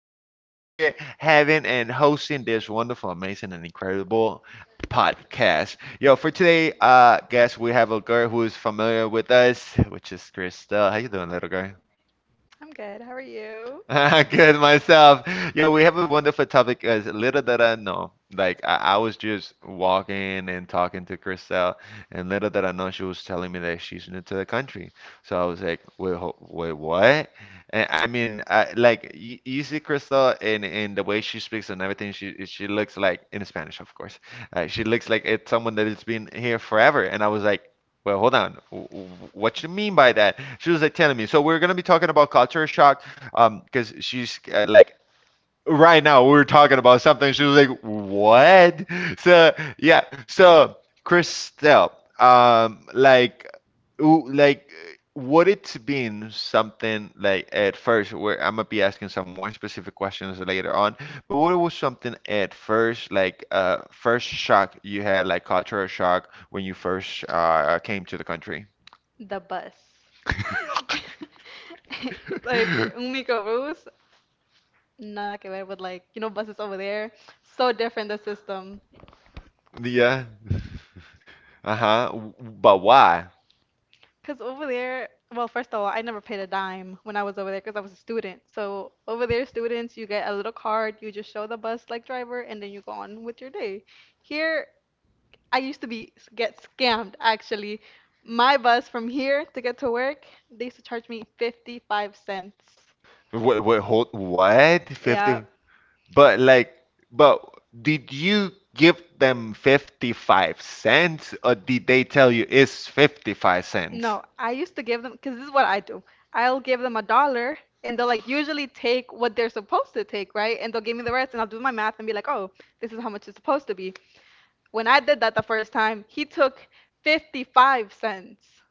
dollar here, having and hosting this wonderful, amazing, and incredible podcast. Yo, for today, guess we have a girl who is familiar with us, which is Christelle. How you doing, little girl? I'm good. How are you? Good myself. Yo, we have a wonderful topic because little did I know. Like I was just walking and talking to Christelle, and little did I know she was telling me that she's new to the country. So I was like, wait, wait, what? And I mean, I, like you see Christelle in the way she speaks and everything. She looks like in Spanish, of course. She looks like it's someone that has been here forever. And I was like, well, hold on. What you mean by that? She was like telling me. So we're gonna be talking about culture shock because she's like right now we're talking about something. She was like, what? So yeah, so Christelle, like like would it been something like at first, where I'm gonna be asking some more specific questions later on, but what was something at first like, first shock you had, like cultural shock, when you first came to the country? The bus. Like un microbus. Nada que ver with like buses over there. So different the system. Yeah. Uh-huh. But why? 'Cause over there, well, first of all, I never paid a dime when I was over there, 'cause I was a student. So over there, students, you get a little card, you just show the bus like driver, and then you go on with your day. Here, I used to be get scammed actually. My bus from here to get to work, they used to charge me 55 cents. Wait, wait, hold, what? Yeah. 50? But like, but did you give them 55 cents or did they tell you it's 55 cents? No, I used to give them because this is what I do. I'll give them a dollar and they'll like usually take what they're supposed to take, right? And they'll give me the rest and I'll do my math and be like, "Oh, this is how much it's supposed to be." When I did that the first time, he took 55 cents.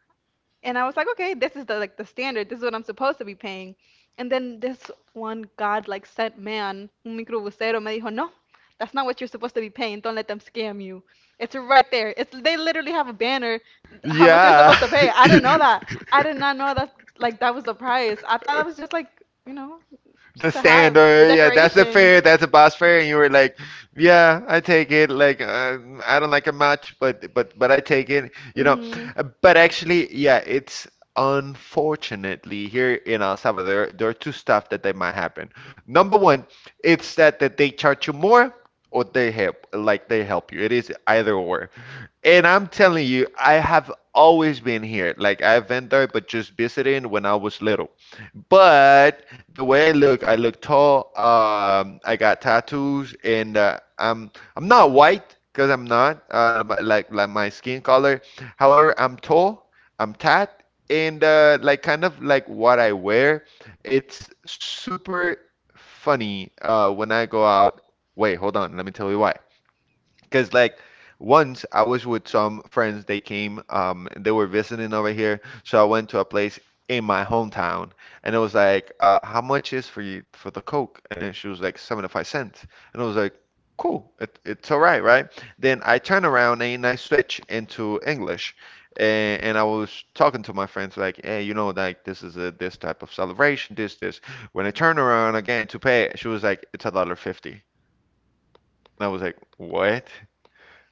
And I was like, okay, this is the like the standard. This is what I'm supposed to be paying. And then this one god like sent man, un microbusero, me dijo, no, that's not what you're supposed to be paying. Don't let them scam you. It's right there. It's they literally have a banner how much you're Yeah. supposed to pay. I didn't know that. I did not know that like that was the price. I thought that was just like, you know, The just to have standard. Yeah, that's a decoration. fair. That's a boss fair. And you were like, yeah, I take it. Like, I don't like it much, but I take it. Mm-hmm. But actually, yeah, it's unfortunately here in El Salvador, there are two stuff that they might happen. Number one, it's that they charge you more. Or they help, like they help you. It is either or. And I'm telling you, I have always been here. Like I've been there, but just visiting when I was little. But the way I look tall. I got tattoos, and I'm not white because I'm not like my skin color. However, I'm tall. I'm tat, and like kind of like what I wear, it's super funny when I go out. Wait, hold on. Let me tell you why. Because like once I was with some friends, they came, they were visiting over here, so I went to a place in my hometown, and it was like, how much is for you for the Coke? And then she was like, 75 cents, and I was like, cool, it's all right, right? Then I turn around and I switch into English. And I was talking to my friends, like, hey, like this is a this type of celebration, this. When I turn around again to pay, she was like, it's a dollar fifty. And I was like, what?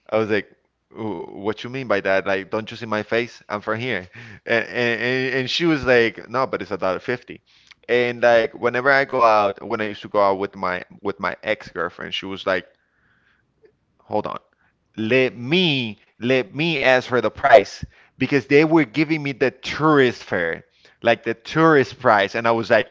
I was like, "What you mean by that? Like, don't you see my face? I'm from here." And she was like, "No, but it's a dollar fifty." And like, whenever I go out, when I used to go out with my ex-girlfriend, she was like, hold on. Let me ask for the price because they were giving me the tourist fare, like the tourist price, and I was like,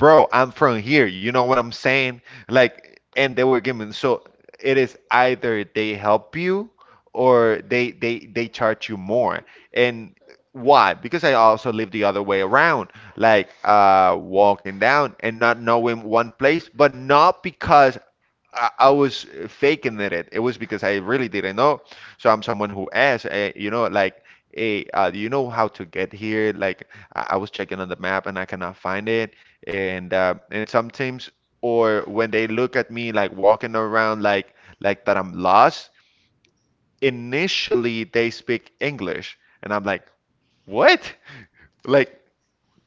bro, I'm from here. You know what I'm saying? Like, and they were giving. So it is either they help you or they charge you more. And why? Because I also live the other way around, like walking down and not knowing one place, but not because I was faking it. It was because I really didn't know. So I'm someone who asks, like, hey, do you know how to get here? Like, I was checking on the map and I cannot find it. And sometimes, or when they look at me like walking around like that I'm lost, initially they speak English, and I'm like, what? Like,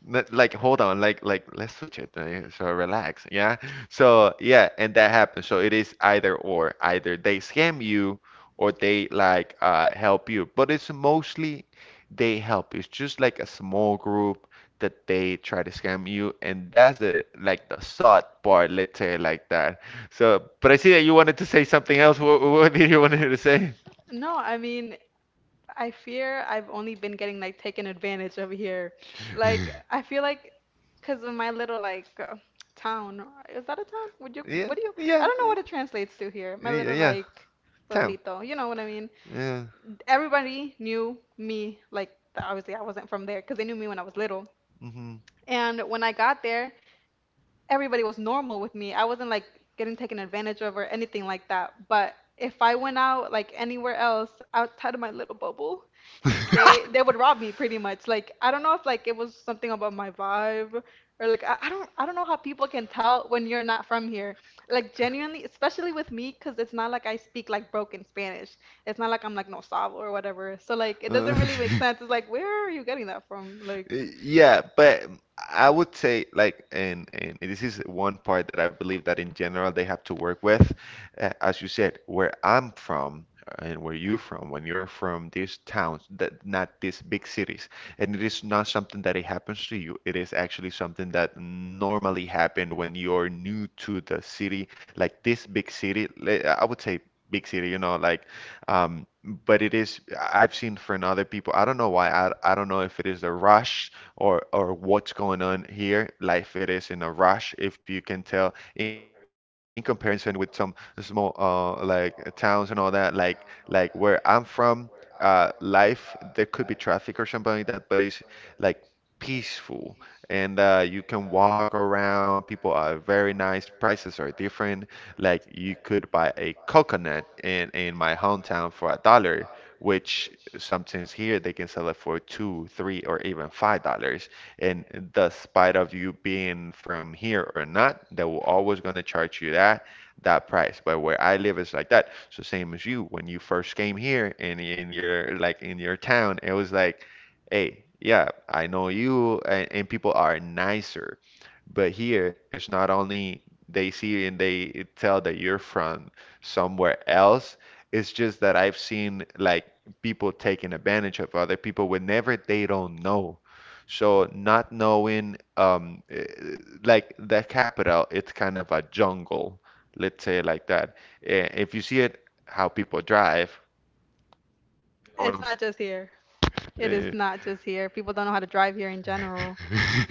like hold on, like let's switch it, yeah, so relax, yeah, so yeah, and that happens. So it is either, or either they scam you or they, like, help you, but it's mostly they help you. It's just like a small group that they try to scam you, and that's the like the sad part, let's say it like that. So, but I see that you wanted to say something else. What did you want to say? No, I mean I fear I've only been getting like taken advantage of here. Like I feel like because of my little like town. Is that a town? Would you Yeah, what do you I yeah, don't know what it translates to here. My yeah, little yeah. like Town. pueblito. You know what I mean? Yeah. Everybody knew me, like obviously I wasn't from there because they knew me when I was little. Hmm. And when I got there, everybody was normal with me. I wasn't like getting taken advantage of or anything like that. But if I went out like anywhere else outside of my little bubble, they would rob me pretty much. Like I don't know if like it was something about my vibe or like I don't I don't know how people can tell when you're not from here. Like genuinely, especially with me, 'cause it's not like I speak like broken Spanish. It's not like I'm like no sabo or whatever. So like it Uh, doesn't really make sense. It's like where are you getting that from? Like Yeah, but I would say, like, and this is one part that I believe that in general they have to work with. As you said, where I'm from, and where you're from, when you're from these towns, that not these big cities, and it is not something that it happens to you. It is actually something that normally happen when you're new to the city, like this big city. I would say big city, like um, but it is, I've seen from other people, I don't know why, I don't know if it is a rush or what's going on here. Life it is in a rush, if you can tell, in comparison with some small like towns and all that, like where I'm from, life there could be traffic or something like that, but it's like peaceful and you can walk around, people are very nice, prices are different, like you could buy a coconut in my hometown for a dollar, which sometimes here they can sell it for two, three, or even $5. And despite of you being from here or not, they will always gonna charge you that price. But where I live is like that. So same as you when you first came here, and in your town, it was like, hey, yeah, I know you, and people are nicer. But here, it's not only they see you and they tell that you're from somewhere else. It's just that I've seen like people taking advantage of other people whenever they don't know. So not knowing like the capital, it's kind of a jungle, let's say it like that. If you see it how people drive, you know what it's I'm not just here. It is eh, not just here. People don't know how to drive here in general.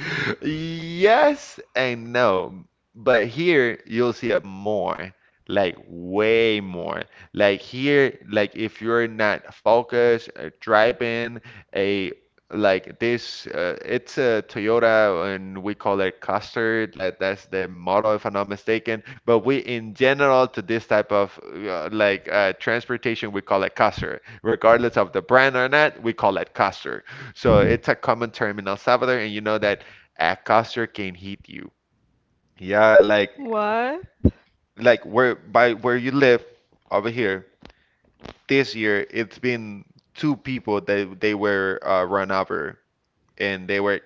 Yes and no. But here you'll see it more, like way more. Like here, like if you're not focused, driving a like this, it's a Toyota and we call it Custard. Like that's the model if I'm not mistaken. But we in general to this type of like transportation, we call it Custard. Regardless of the brand or not, we call it Custard. So it's a common term in El Salvador, and you know that a coaster can hit you. Yeah, like What? like where by where you live over here, this year it's been two people that they were run over, and they were,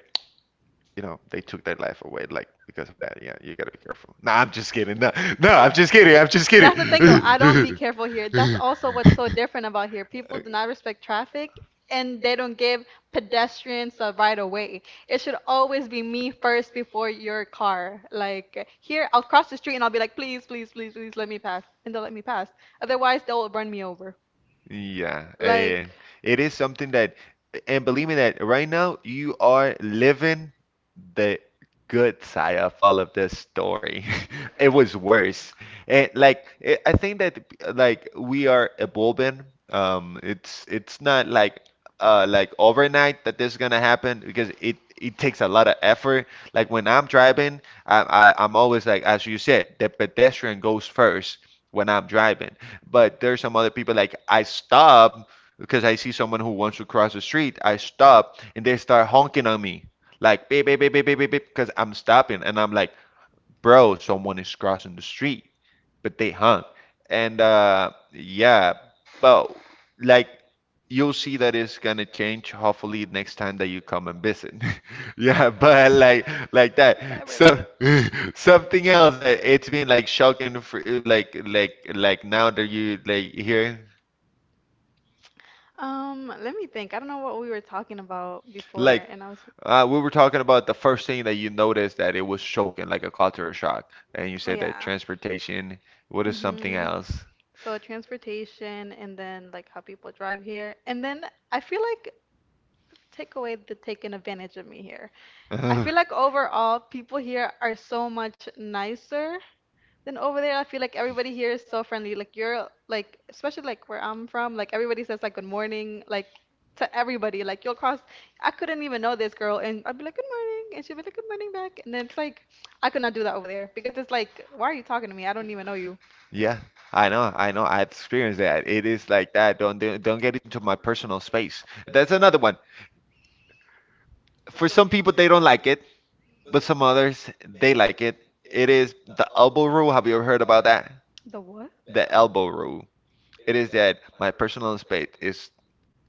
they took their life away, like, because of that. Yeah, you gotta be careful. No, I'm just kidding. No, no, I'm just kidding. I'm just That's the thing though. I don't be kidding. kidding. Careful here. That's also what's so different about here. People do not respect traffic and they don't give pedestrians a right of way. It should always be me first before your car. Like here, I'll cross the street and I'll be like, please, please, please, please let me pass. And they'll let me pass. Otherwise, they'll run me over. Yeah, Like, it is something that, and believe me that right now you are living the good side of all of this story. It was worse. And like, I think that like we are evolving. It's not like like overnight that this is gonna happen because it takes a lot of effort. Like when I'm driving, I'm always, like, as you said, the pedestrian goes first when I'm driving. But there's some other people, like, I stop because I see someone who wants to cross the street. I stop and they start honking on me like beep beep beep beep beep beep, because I'm stopping, and I'm like, bro, someone is crossing the street, but they hung. And yeah, but like you'll see that it's gonna change hopefully next time that you come and visit. Yeah, but like that. Beverly. So, something else that it's been like shocking for like, like now that you, like, here, Let me think. I don't know what we were talking about before like, and I was, we were talking about the first thing that you noticed that it was shocking, like a cultural shock, and you oh said that yeah. transportation. What is something hmm else? So transportation and then like how people drive here. And then I feel like take away the taking advantage of me here. I Uh, feel like overall people here are so much nicer than over there. I feel like everybody here is so friendly. Like you're like especially like where I'm from, like everybody says like good morning, like to everybody. Like you'll cross I couldn't even know this girl and I'd be like good morning and she'd be like good morning back and then it's like I could not do that over there because it's like why are you talking to me? I don't even know you. yeah, I know, I know. I've experienced that. It is like that. Don't get into my personal space. That's another one. For some people, they don't like it, but some others they like it. It is the elbow rule. Have you ever heard about that? The what? The elbow rule. It is that my personal space is,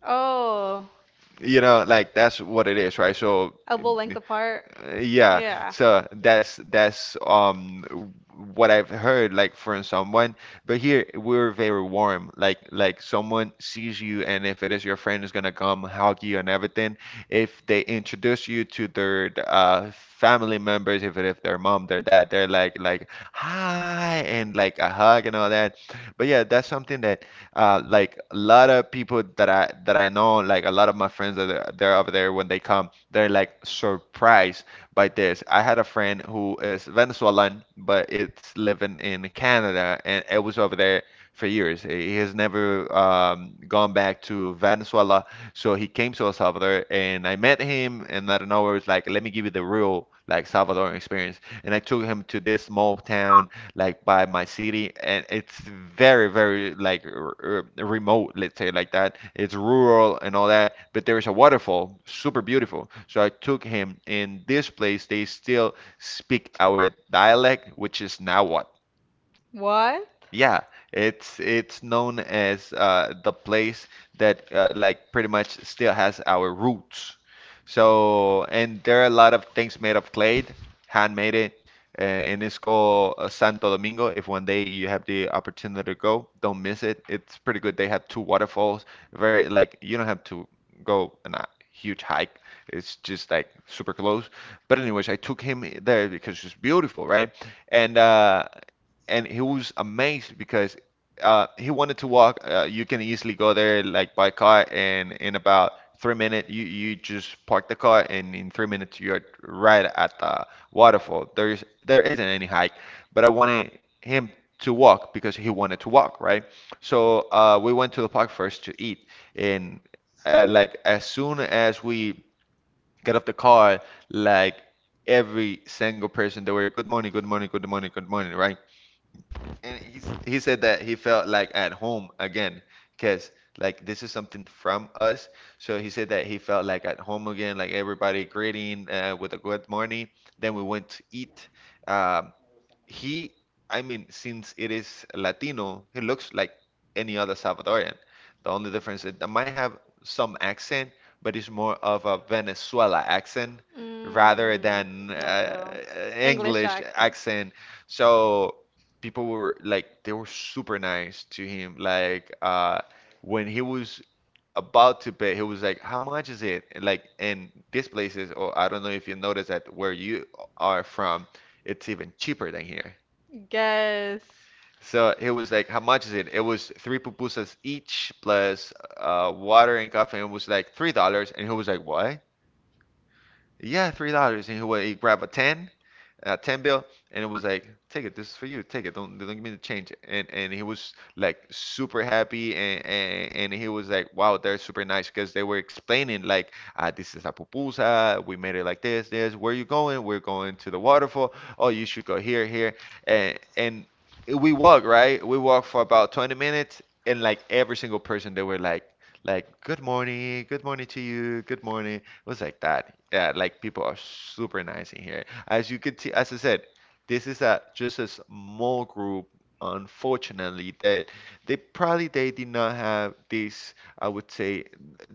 Oh, like that's what it is, right? Elbow length apart. uh, yeah, Yeah. so that's what I've heard, like from someone. But here we're very warm, like someone sees you, and if it is your friend, is gonna come hug you and everything. If they introduce you to their family members, if it if their mom, their dad, they're like hi and like a hug and all that. But yeah, that's something that. Like a lot of people that I know, like a lot of my friends that are, they're over there. When they come, they're like surprised by this. I had a friend who is Venezuelan, but it's living in Canada, and it was over there for years. He has never gone back to Venezuela, so he came to El Salvador, and I met him, and out of nowhere, it's like, let me give you the real like Salvadoran experience. And I took him to this small town like by my city, and it's very, very like r r remote, let's say like that. It's rural and all that, but there is a waterfall, super beautiful. So I took him in this place. They still speak our dialect, which is Nahuatl. What? Yeah, it's known as the place that like pretty much still has our roots. So, and there are a lot of things made of clay, handmade it, and it's called Santo Domingo. If one day you have the opportunity to go, don't miss it. It's pretty good. They have two waterfalls. Very like you don't have to go on a huge hike. It's just like super close. But anyways, I took him there because it's beautiful, right? And uh, and he was amazed because he wanted to walk. You can easily go there like by car, and in about 3 minutes, you just park the car, and in 3 minutes you're right at the waterfall. There isn't any hike, but I wanted him to walk because he wanted to walk, right? So we went to the park first to eat, and like as soon as we get off the car, like every single person, they were good morning, good morning, good morning, good morning, right? And he said that he felt like at home again, because like this is something from us. So he said that he felt like at home again, like everybody greeting with a good morning. Then we went to eat. Um, he, I mean, since it is Latino, he looks like any other Salvadorian. The only difference is that might have some accent, but it's more of a Venezuela accent Mm, rather than knockout. English English accent. accent. So people were like they were super nice to him. Like when he was about to pay, he was like, "How much is it?" And, like in these places, or I don't know if you notice that where you are from, it's even cheaper than here. Yes. So it was like, how much is it? It was three pupusas each plus water and coffee. And it was like $3. And he was like, what? Yeah, $3. And he grab a ten bill, and it was like, take it, this is for you, take it, don't give me the change. And, he was like super happy, and he was like, wow, they're super nice, because they were explaining like, ah, this is a pupusa, we made it like this, this. Where you going? We're going to the waterfall. Oh, you should go here, here, and we walk, right. We walk for about 20 minutes, and like every single person, they were like. Like, good morning to you, good morning, was like that. Yeah, like people are super nice in here. As you could see, as I said, this is a just a small group. Unfortunately, that they probably they did not have this. I would say,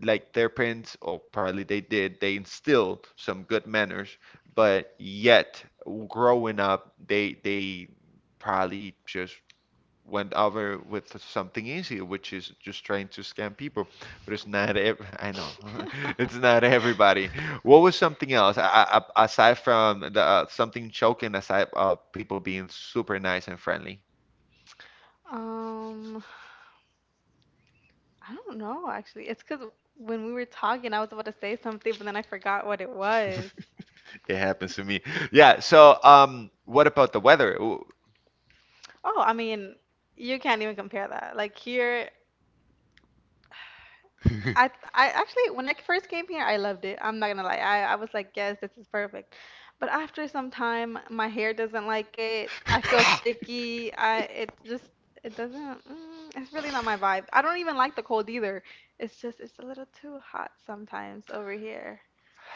like their parents, or probably they did. They instilled some good manners, but yet growing up, they probably just went over with something easy, which is just trying to scam people. But it's not ev- I know it's not everybody. What was something else a- aside from the something choking, aside of people being super nice and friendly? Um, I don't know actually. It's because when we were talking, I was about to say something, but then I forgot what it was. It happens to me. Yeah. So, what about the weather? Ooh. Oh, I mean, you can't even compare that. Like here, I I actually when I first came here I loved it. I'm not gonna lie. I was like, yes, this is perfect. But after some time my hair doesn't like it. I feel sticky. I it just it doesn't mm, it's really not my vibe. I don't even like the cold either. It's just it's a little too hot sometimes over here.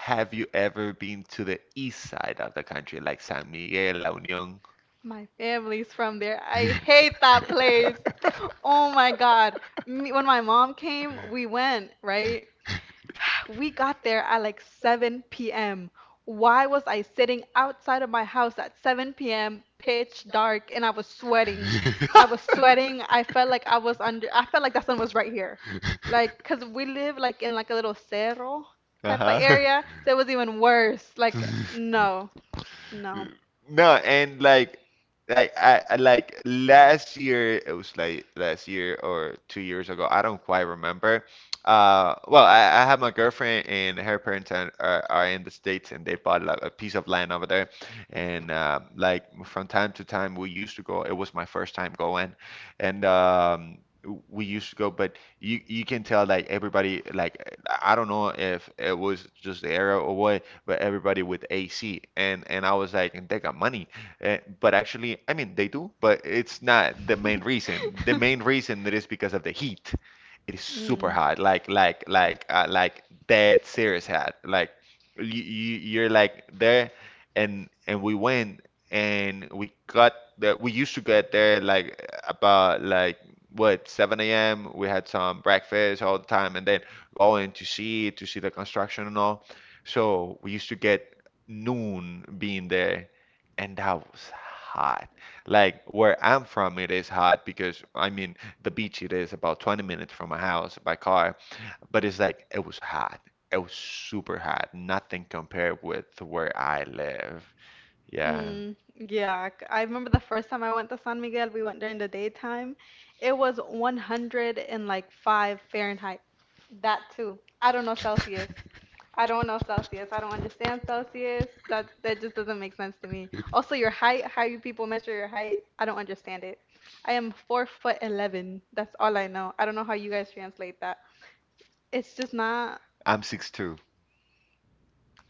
Have you ever been to the east side of the country, like San Miguel, La Union? My family's from there. I hate that place. Oh my God. Me, when my mom came, we went, right? We got there at like 7 p.m. Why was I sitting outside of my house at 7 p.m., pitch dark, and I was sweating? I was sweating. I felt like I was under, I felt like the sun was right here. Like, 'cause we live like in like a little cerro type of Uh-huh. area, so it was even worse. Like, no, no. No, and like last year, it was like last year or 2 years ago, I don't quite remember. I have my girlfriend and her parents are in the States, and they bought like a piece of land over there. And like from time to time we used to go. It was my first time going, and we used to go, but you can tell like everybody, like I don't know if it was just the era or what, but everybody with AC, and I was like, and they got money, but actually, I mean, they do, but it's not the main reason. The main reason that is because of the heat. It is super Mm. hot, like like that serious hot. Like you, you're like there, and we went and we got there. We used to get there like about like, what, 7 a.m. We had some breakfast all the time, and then going to see the construction and all. So we used to get noon being there, and that was hot. Like where I'm from, it is hot because I mean the beach it is about 20 minutes from my house by car, but it's like it was hot. It was super hot. Nothing compared with where I live. Yeah. Mm, yeah, I remember the first time I went to San Miguel, we went during the daytime. It was 100 and like 5 Fahrenheit. That too. I don't know Celsius. I don't know Celsius. I don't understand Celsius. That that just doesn't make sense to me. Also, your height, how you people measure your height, I don't understand it. I am 4 foot 11. That's all I know. I don't know how you guys translate that. It's just not. I'm 6'2".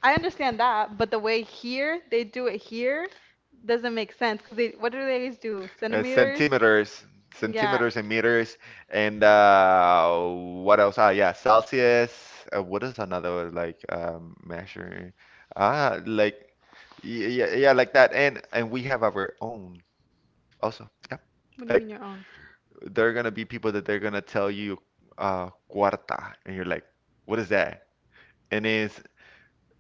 I understand that, but the way here they do it here doesn't make sense because they what do they always do? Uh, Centimeters? centimeters, Yeah. Yeah. Centimeters and meters, and what else? Ah, yeah, Celsius. What is another one, like measure? Ah, like yeah, yeah, like that. And we have our own also. Yep. What do you Like mean your own? there are gonna be people that they're gonna tell you cuarta, and you're like, what is that? And it's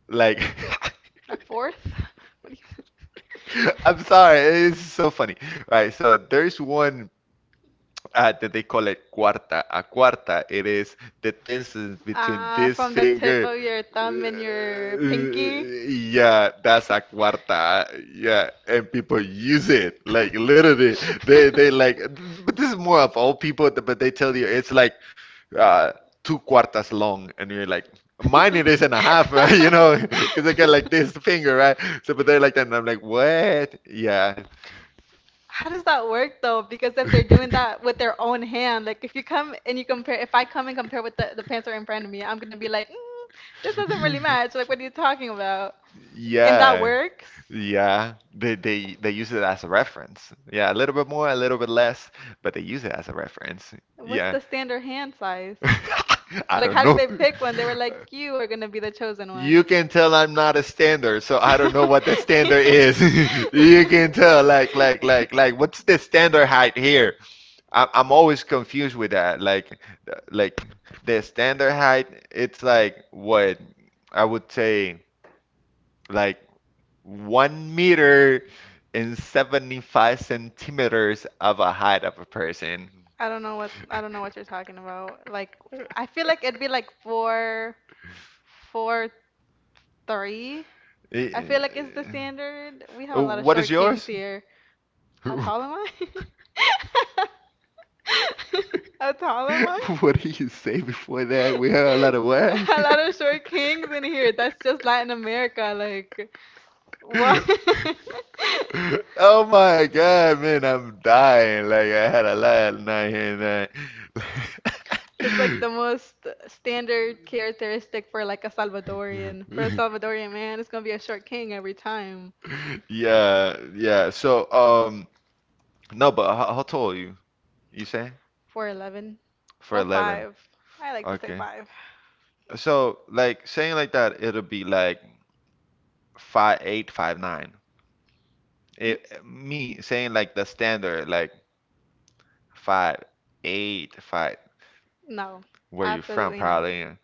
like. A fourth? What do you? I'm sorry, it's so funny. All right, so there's one. That they call it cuarta. A cuarta, it is the tension between Ah, this from the tip finger. of your thumb and your Uh, pinky. Yeah, that's a cuarta. Yeah, and people use it like literally. They like, but this is more of old people. But they tell you it's like uh, two cuartas long, and you're like, mine it is and a half, right? You know, because I got like this finger, right? So, but they're like that, and I'm like, what? Yeah, How does that work though? Because if they're doing that with their own hand, like if you come and you compare, if I come and compare with the pants that are in front of me, I'm gonna be like, this doesn't really match. Like, what are you talking about? And that yeah. works? Yeah, they they use it as a reference. Yeah, a little bit more, a little bit less, but they use it as a reference. What's Yeah. the standard hand size? I Like, don't how did know. they pick one? They were like, you are going to be the chosen You one. can tell I'm not a standard, so I don't know what the standard is. You can tell, like, what's the standard height here? I'm always confused with that. Like, like the standard height, it's like what I would say, like 1 meter and 75 centimeters of a height of a person. I don't know what. I don't know what you're talking about. Like, I feel like it'd be like four, four, three. Eh, I feel like it's the eh, standard. We have a lot of What is short kings yours? here. How tall am I? How tall am I? What did you say before that? We heard a lot of what? A lot of short kings in here. That's just Latin America. Like, what? Oh my God, man, I'm dying. Like I had a lot of night and that. That's like the most standard characteristic for like a Salvadorian. For a Salvadorian man, it's gonna be a short king every time. Yeah, yeah. So, no, but how tall are you? You say? 4'11. For Well, 11. five. I like to say Okay. five. So, like saying like that, it'll be like 5'8", 5'9". Hmm? It me saying like the standard like 5'8" 5 No, where you from absolutely not. probably.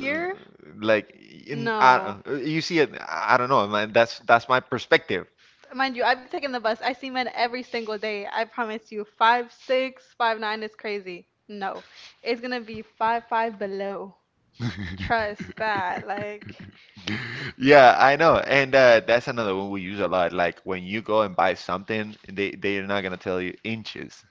uh, Like in I, no. You see it. I don't know, man. That's my perspective. Mind you, I be taking the bus. I see men every single day. I promise you, 5'6", 5'9" is crazy. No, it's gonna be 5'5" below. Trust that. Like, Yeah, I know. And that's another one we use a lot. Like when you go and buy something, they they're not gonna tell you inches.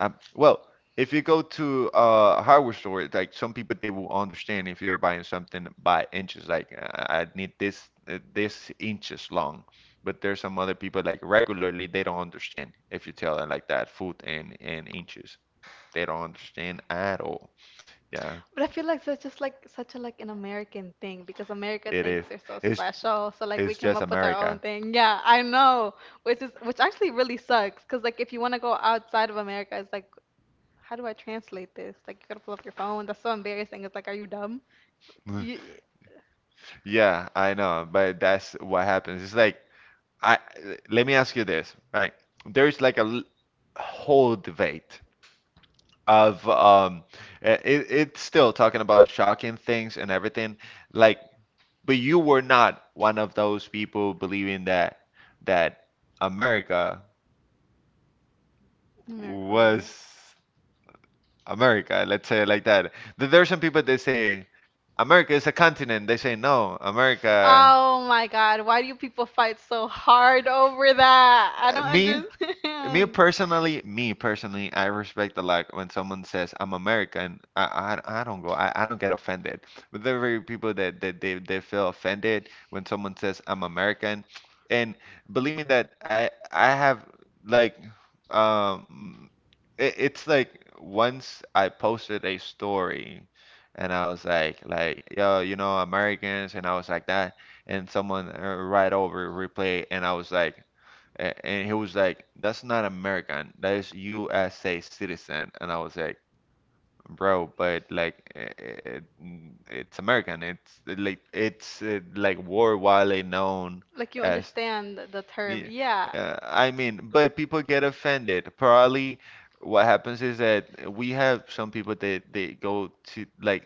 Well, if you go to a hardware store, like some people, they will understand if you're buying something by inches. Like I need this this inches long. But there's some other people like regularly they don't understand if you tell them like that foot and inches. They don't understand at all. Yeah, but I feel like that's just like such a like an American thing because America it thinks is. they're so It's special. So like we came just up with our America. own thing. Yeah, I know, which is which actually really sucks because like if you want to go outside of America, it's like how do I translate this? Like you gotta pull up your phone. That's so embarrassing. It's like, are you dumb? You, Yeah, I know, but that's what happens. It's like I let me ask you this, right? There's like whole debate of it, it's still talking about shocking things and everything, like, but you were not one of those people believing that that America oh my God. was America, let's say it like that. There are some people that say America is a continent. They say no, America. Oh my God, why do people fight so hard over that? I Uh, don't Me, me understand. personally, me personally, I respect a lot when someone says I'm American. I don't go, I don't get offended. But there are very people that they feel offended when someone says I'm American. And believe me that I have like um it's like once I posted a story and I was like yo, you know, Americans, and I was like that, and someone right over replay, and I was like, and he was like, "That's not American. That is USA citizen." And I was like, bro, but like it's American. It's like it's like worldwide known Like you as. understand the term. Yeah, Yeah. I mean, but people get offended. Probably what happens is that we have some people that they go to like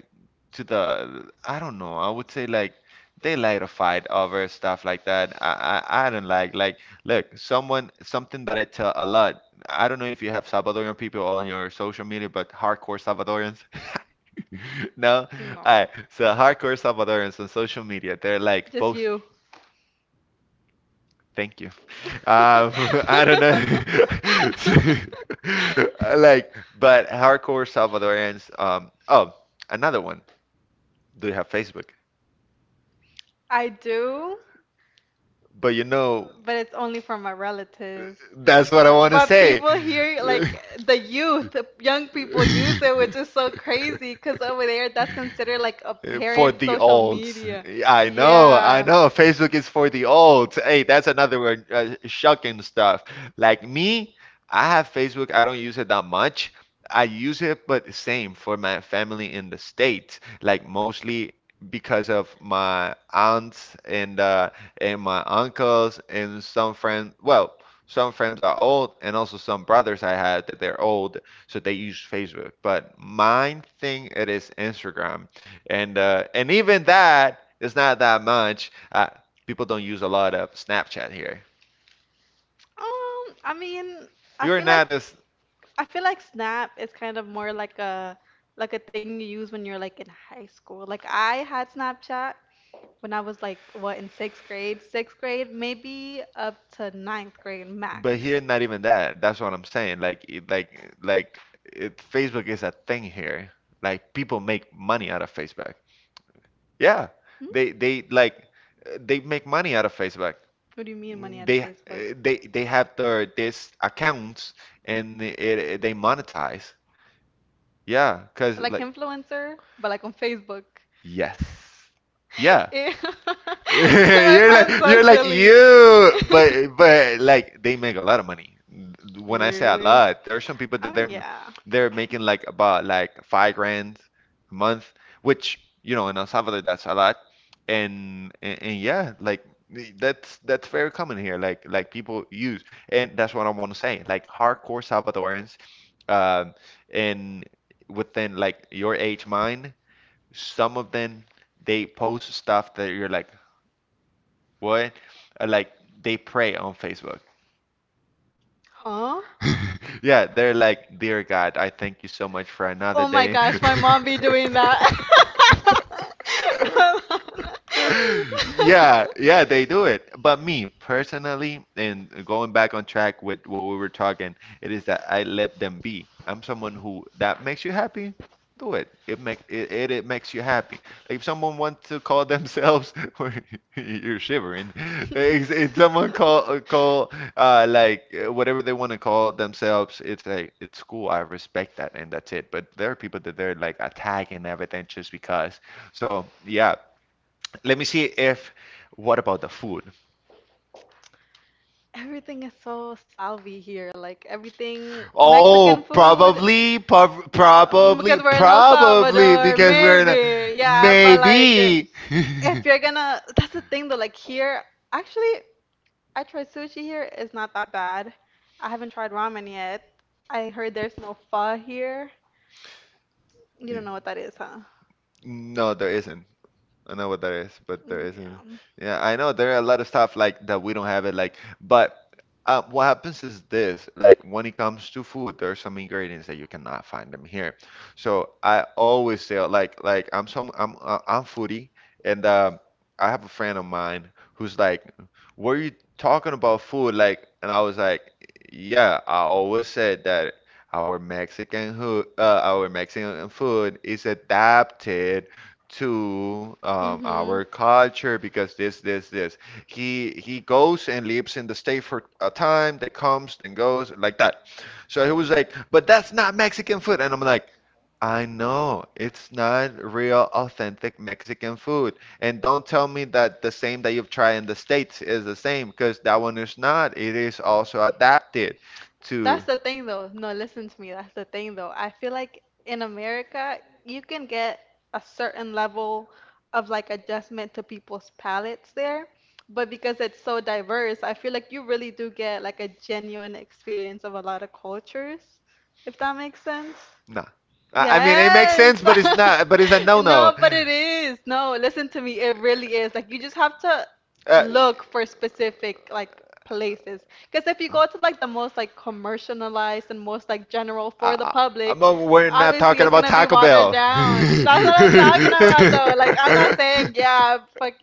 to the, I don't know. I would say like they like to fight over stuff like that. I don't like look someone, something that I tell a lot, I don't know if you have Salvadorian people on your social media, but hardcore Salvadorians. No? No. Alright, so hardcore Salvadorians on social media, they're like Just both. you. Thank you. Um, I don't know. Like, but hardcore Salvadorians. Oh, another one. Do you have Facebook? I do, But you know, but it's only for my relatives. that's what I want to But say. people here, like the youth, the young people use it, which is so crazy because over there, that's considered like a for For parent the social olds. media. I know, I Yeah. know. Facebook is for the olds. Hey, that's another word, shocking stuff. Like me, I have Facebook. I don't use it that much. I use it, but same for my family in the States. Like mostly because of my aunts and my uncles and some friends. Well, some friends are old, and also some brothers I had that they're old, so they use Facebook, but mine thing it is Instagram and even that is not that much. People don't use a lot of Snapchat here. I mean, I You're feel like not as, I feel like Snap is kind of more like a thing you use when you're like in high school. Like I had Snapchat when I was like, what, in sixth grade? Sixth grade, maybe up to ninth grade max. but here not even that. That's what I'm saying, like it, like Facebook is a thing here. Like people make money out of Facebook. Yeah, Hmm? they like they make money out of Facebook. What do you mean money out of They uh, Facebook? they they have their this accounts and it they monetize. Yeah, cause Like like influencer, but like on Facebook. yes, yeah. Ew. That sounds you're so like silly. you, but like they make a lot of money. When I say a Really? lot, there are some people I that mean, they're yeah. they're making like about like 5 grand a month, which you know in El Salvador that's a lot, and yeah, like that's very common here. Like people use, and that's what I want to say. Like hardcore Salvadorans, um, and within like your age, mine, some of them they post stuff that you're like, what? Or like they pray on Facebook. Huh? Yeah, they're like, dear God, I thank you so much for another Oh my day. gosh, my mom be doing that. Yeah, yeah, they do it. But me personally, and going back on track with what we were talking, it is that I let them be. I'm someone who, that makes you happy, do it. It makes you happy. Like if someone wants to call themselves, or you're shivering. If someone call like whatever they want to call themselves, it's like it's cool. I respect that, and that's it. But there are people that they're like attacking everything just because. So yeah, let me see if. What about the food? Everything is so salty here, like everything Oh, Mexican food. Um, because we're in El probably Salvador, because we're in a maybe. Yeah, but like maybe. if you're gonna that's the thing though, like here actually I tried sushi here. It's not that bad. I haven't tried ramen yet. I heard there's no pho here. You don't know what that is, huh? No, there isn't. I know what that is, but there isn't. Yeah. Yeah, I know there are a lot of stuff like that we don't have it like, but what happens is this, like when it comes to food, there are some ingredients that you cannot find them here. So I always say like I'm foodie and I have a friend of mine who's like, "Were you talking about food?" Like, and I was like, "Yeah, I always said that our Mexican food is adapted" to Mm-hmm. our culture because this. He goes and lives in the state for a time, then comes, then goes, like that. So he was like, but that's not Mexican food. And I'm like, I know it's not real authentic Mexican food. And don't tell me that the same that you've tried in the States is the same, because that one is not. It is also adapted to. That's the thing though. No, listen to me. That's the thing though. I feel like in America, you can get a certain level of like adjustment to people's palates there. But because it's so diverse, I feel like you really do get like a genuine experience of a lot of cultures, if that makes sense. No. I mean, it makes Yes. sense, but it's not, but it's a no-no. No, but it is. No, listen to me. It really is. Like you just have to Uh, look for specific like places. Because if you go to like the most like commercialized and most like general for the I, public, we're not obviously talking it's about gonna be Taco watered Bell. down. That's what I'm talking about though. Like I'm not saying yeah, fuck.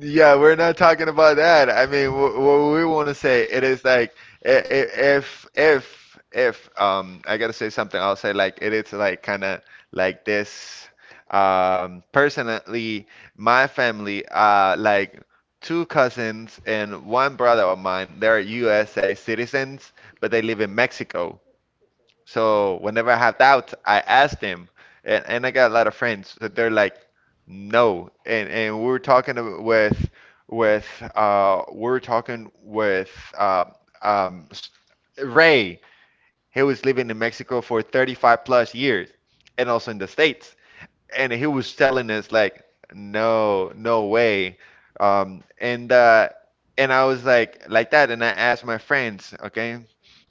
Yeah, we're not talking about that. I mean, what we want to say it is like i- i- if if I gotta say something. I'll say like it is like kind of like this. Personally, my family, like two cousins and one brother of mine, they're USA citizens, but they live in Mexico. So whenever I have doubts, I ask them, and I got a lot of friends that they're like, no, and we were talking with we were talking with um um S- Ray. He was living in Mexico for 35 plus years, and also in the States, and he was telling us like, no, no way. Um, and uh, and I was like that, and I asked my friends, okay,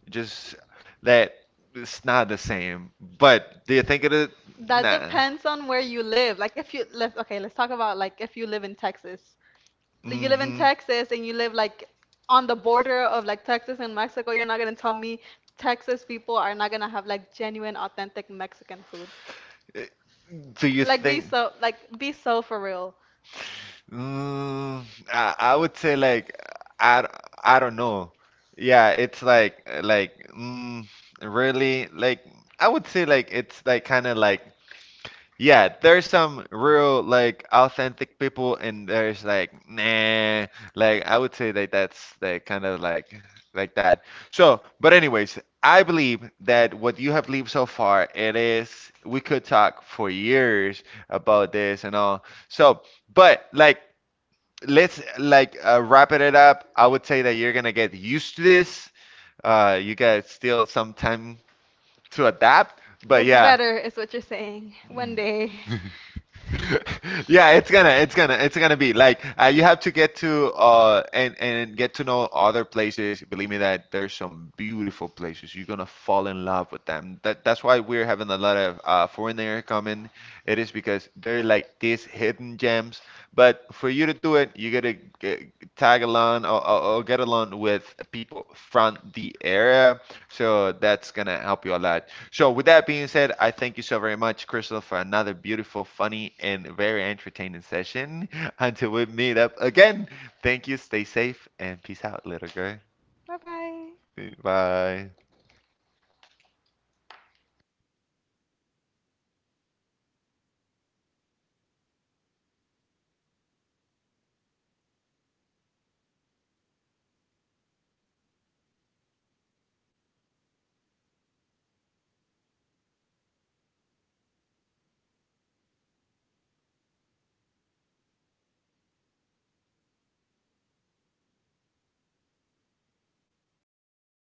just that it's not the same. But do you think it is? That Nah. depends on where you live. Like if you let's okay, let's talk about like if you live in Texas. Like, you live in Mm-hmm. Texas and you live like on the border of like Texas and Mexico. You're not gonna tell me Texas people are not gonna have like genuine, authentic Mexican food. Do you think? Like be so for real. Mm, I would say like I, d- I don't know. Yeah, it's like mm, really like I would say like it's like kind of like yeah, there's some real like authentic people and there's like nah, like I would say that that's like kind of like that. So, but anyways, I believe that what you have lived so far, it is we could talk for years about this and all. So, but like let's like wrapping it up. I would say that you're gonna get used to this. You got still some time to adapt, but Gets yeah. better is what you're saying. Mm. One day. Yeah, it's gonna be like you have to get to and get to know other places. Believe me that there's some beautiful places. You're gonna fall in love with them. That's why we're having a lot of foreigner coming. It is because they're like these hidden gems. But for you to do it, you gotta get, tag along, or get along with people from the area. So that's gonna help you a lot. So with that being said, I thank you so very much, Crystal, for another beautiful, funny, and very entertaining session. Until we meet up again, thank you. Stay safe and peace out, little girl. Bye bye. Bye.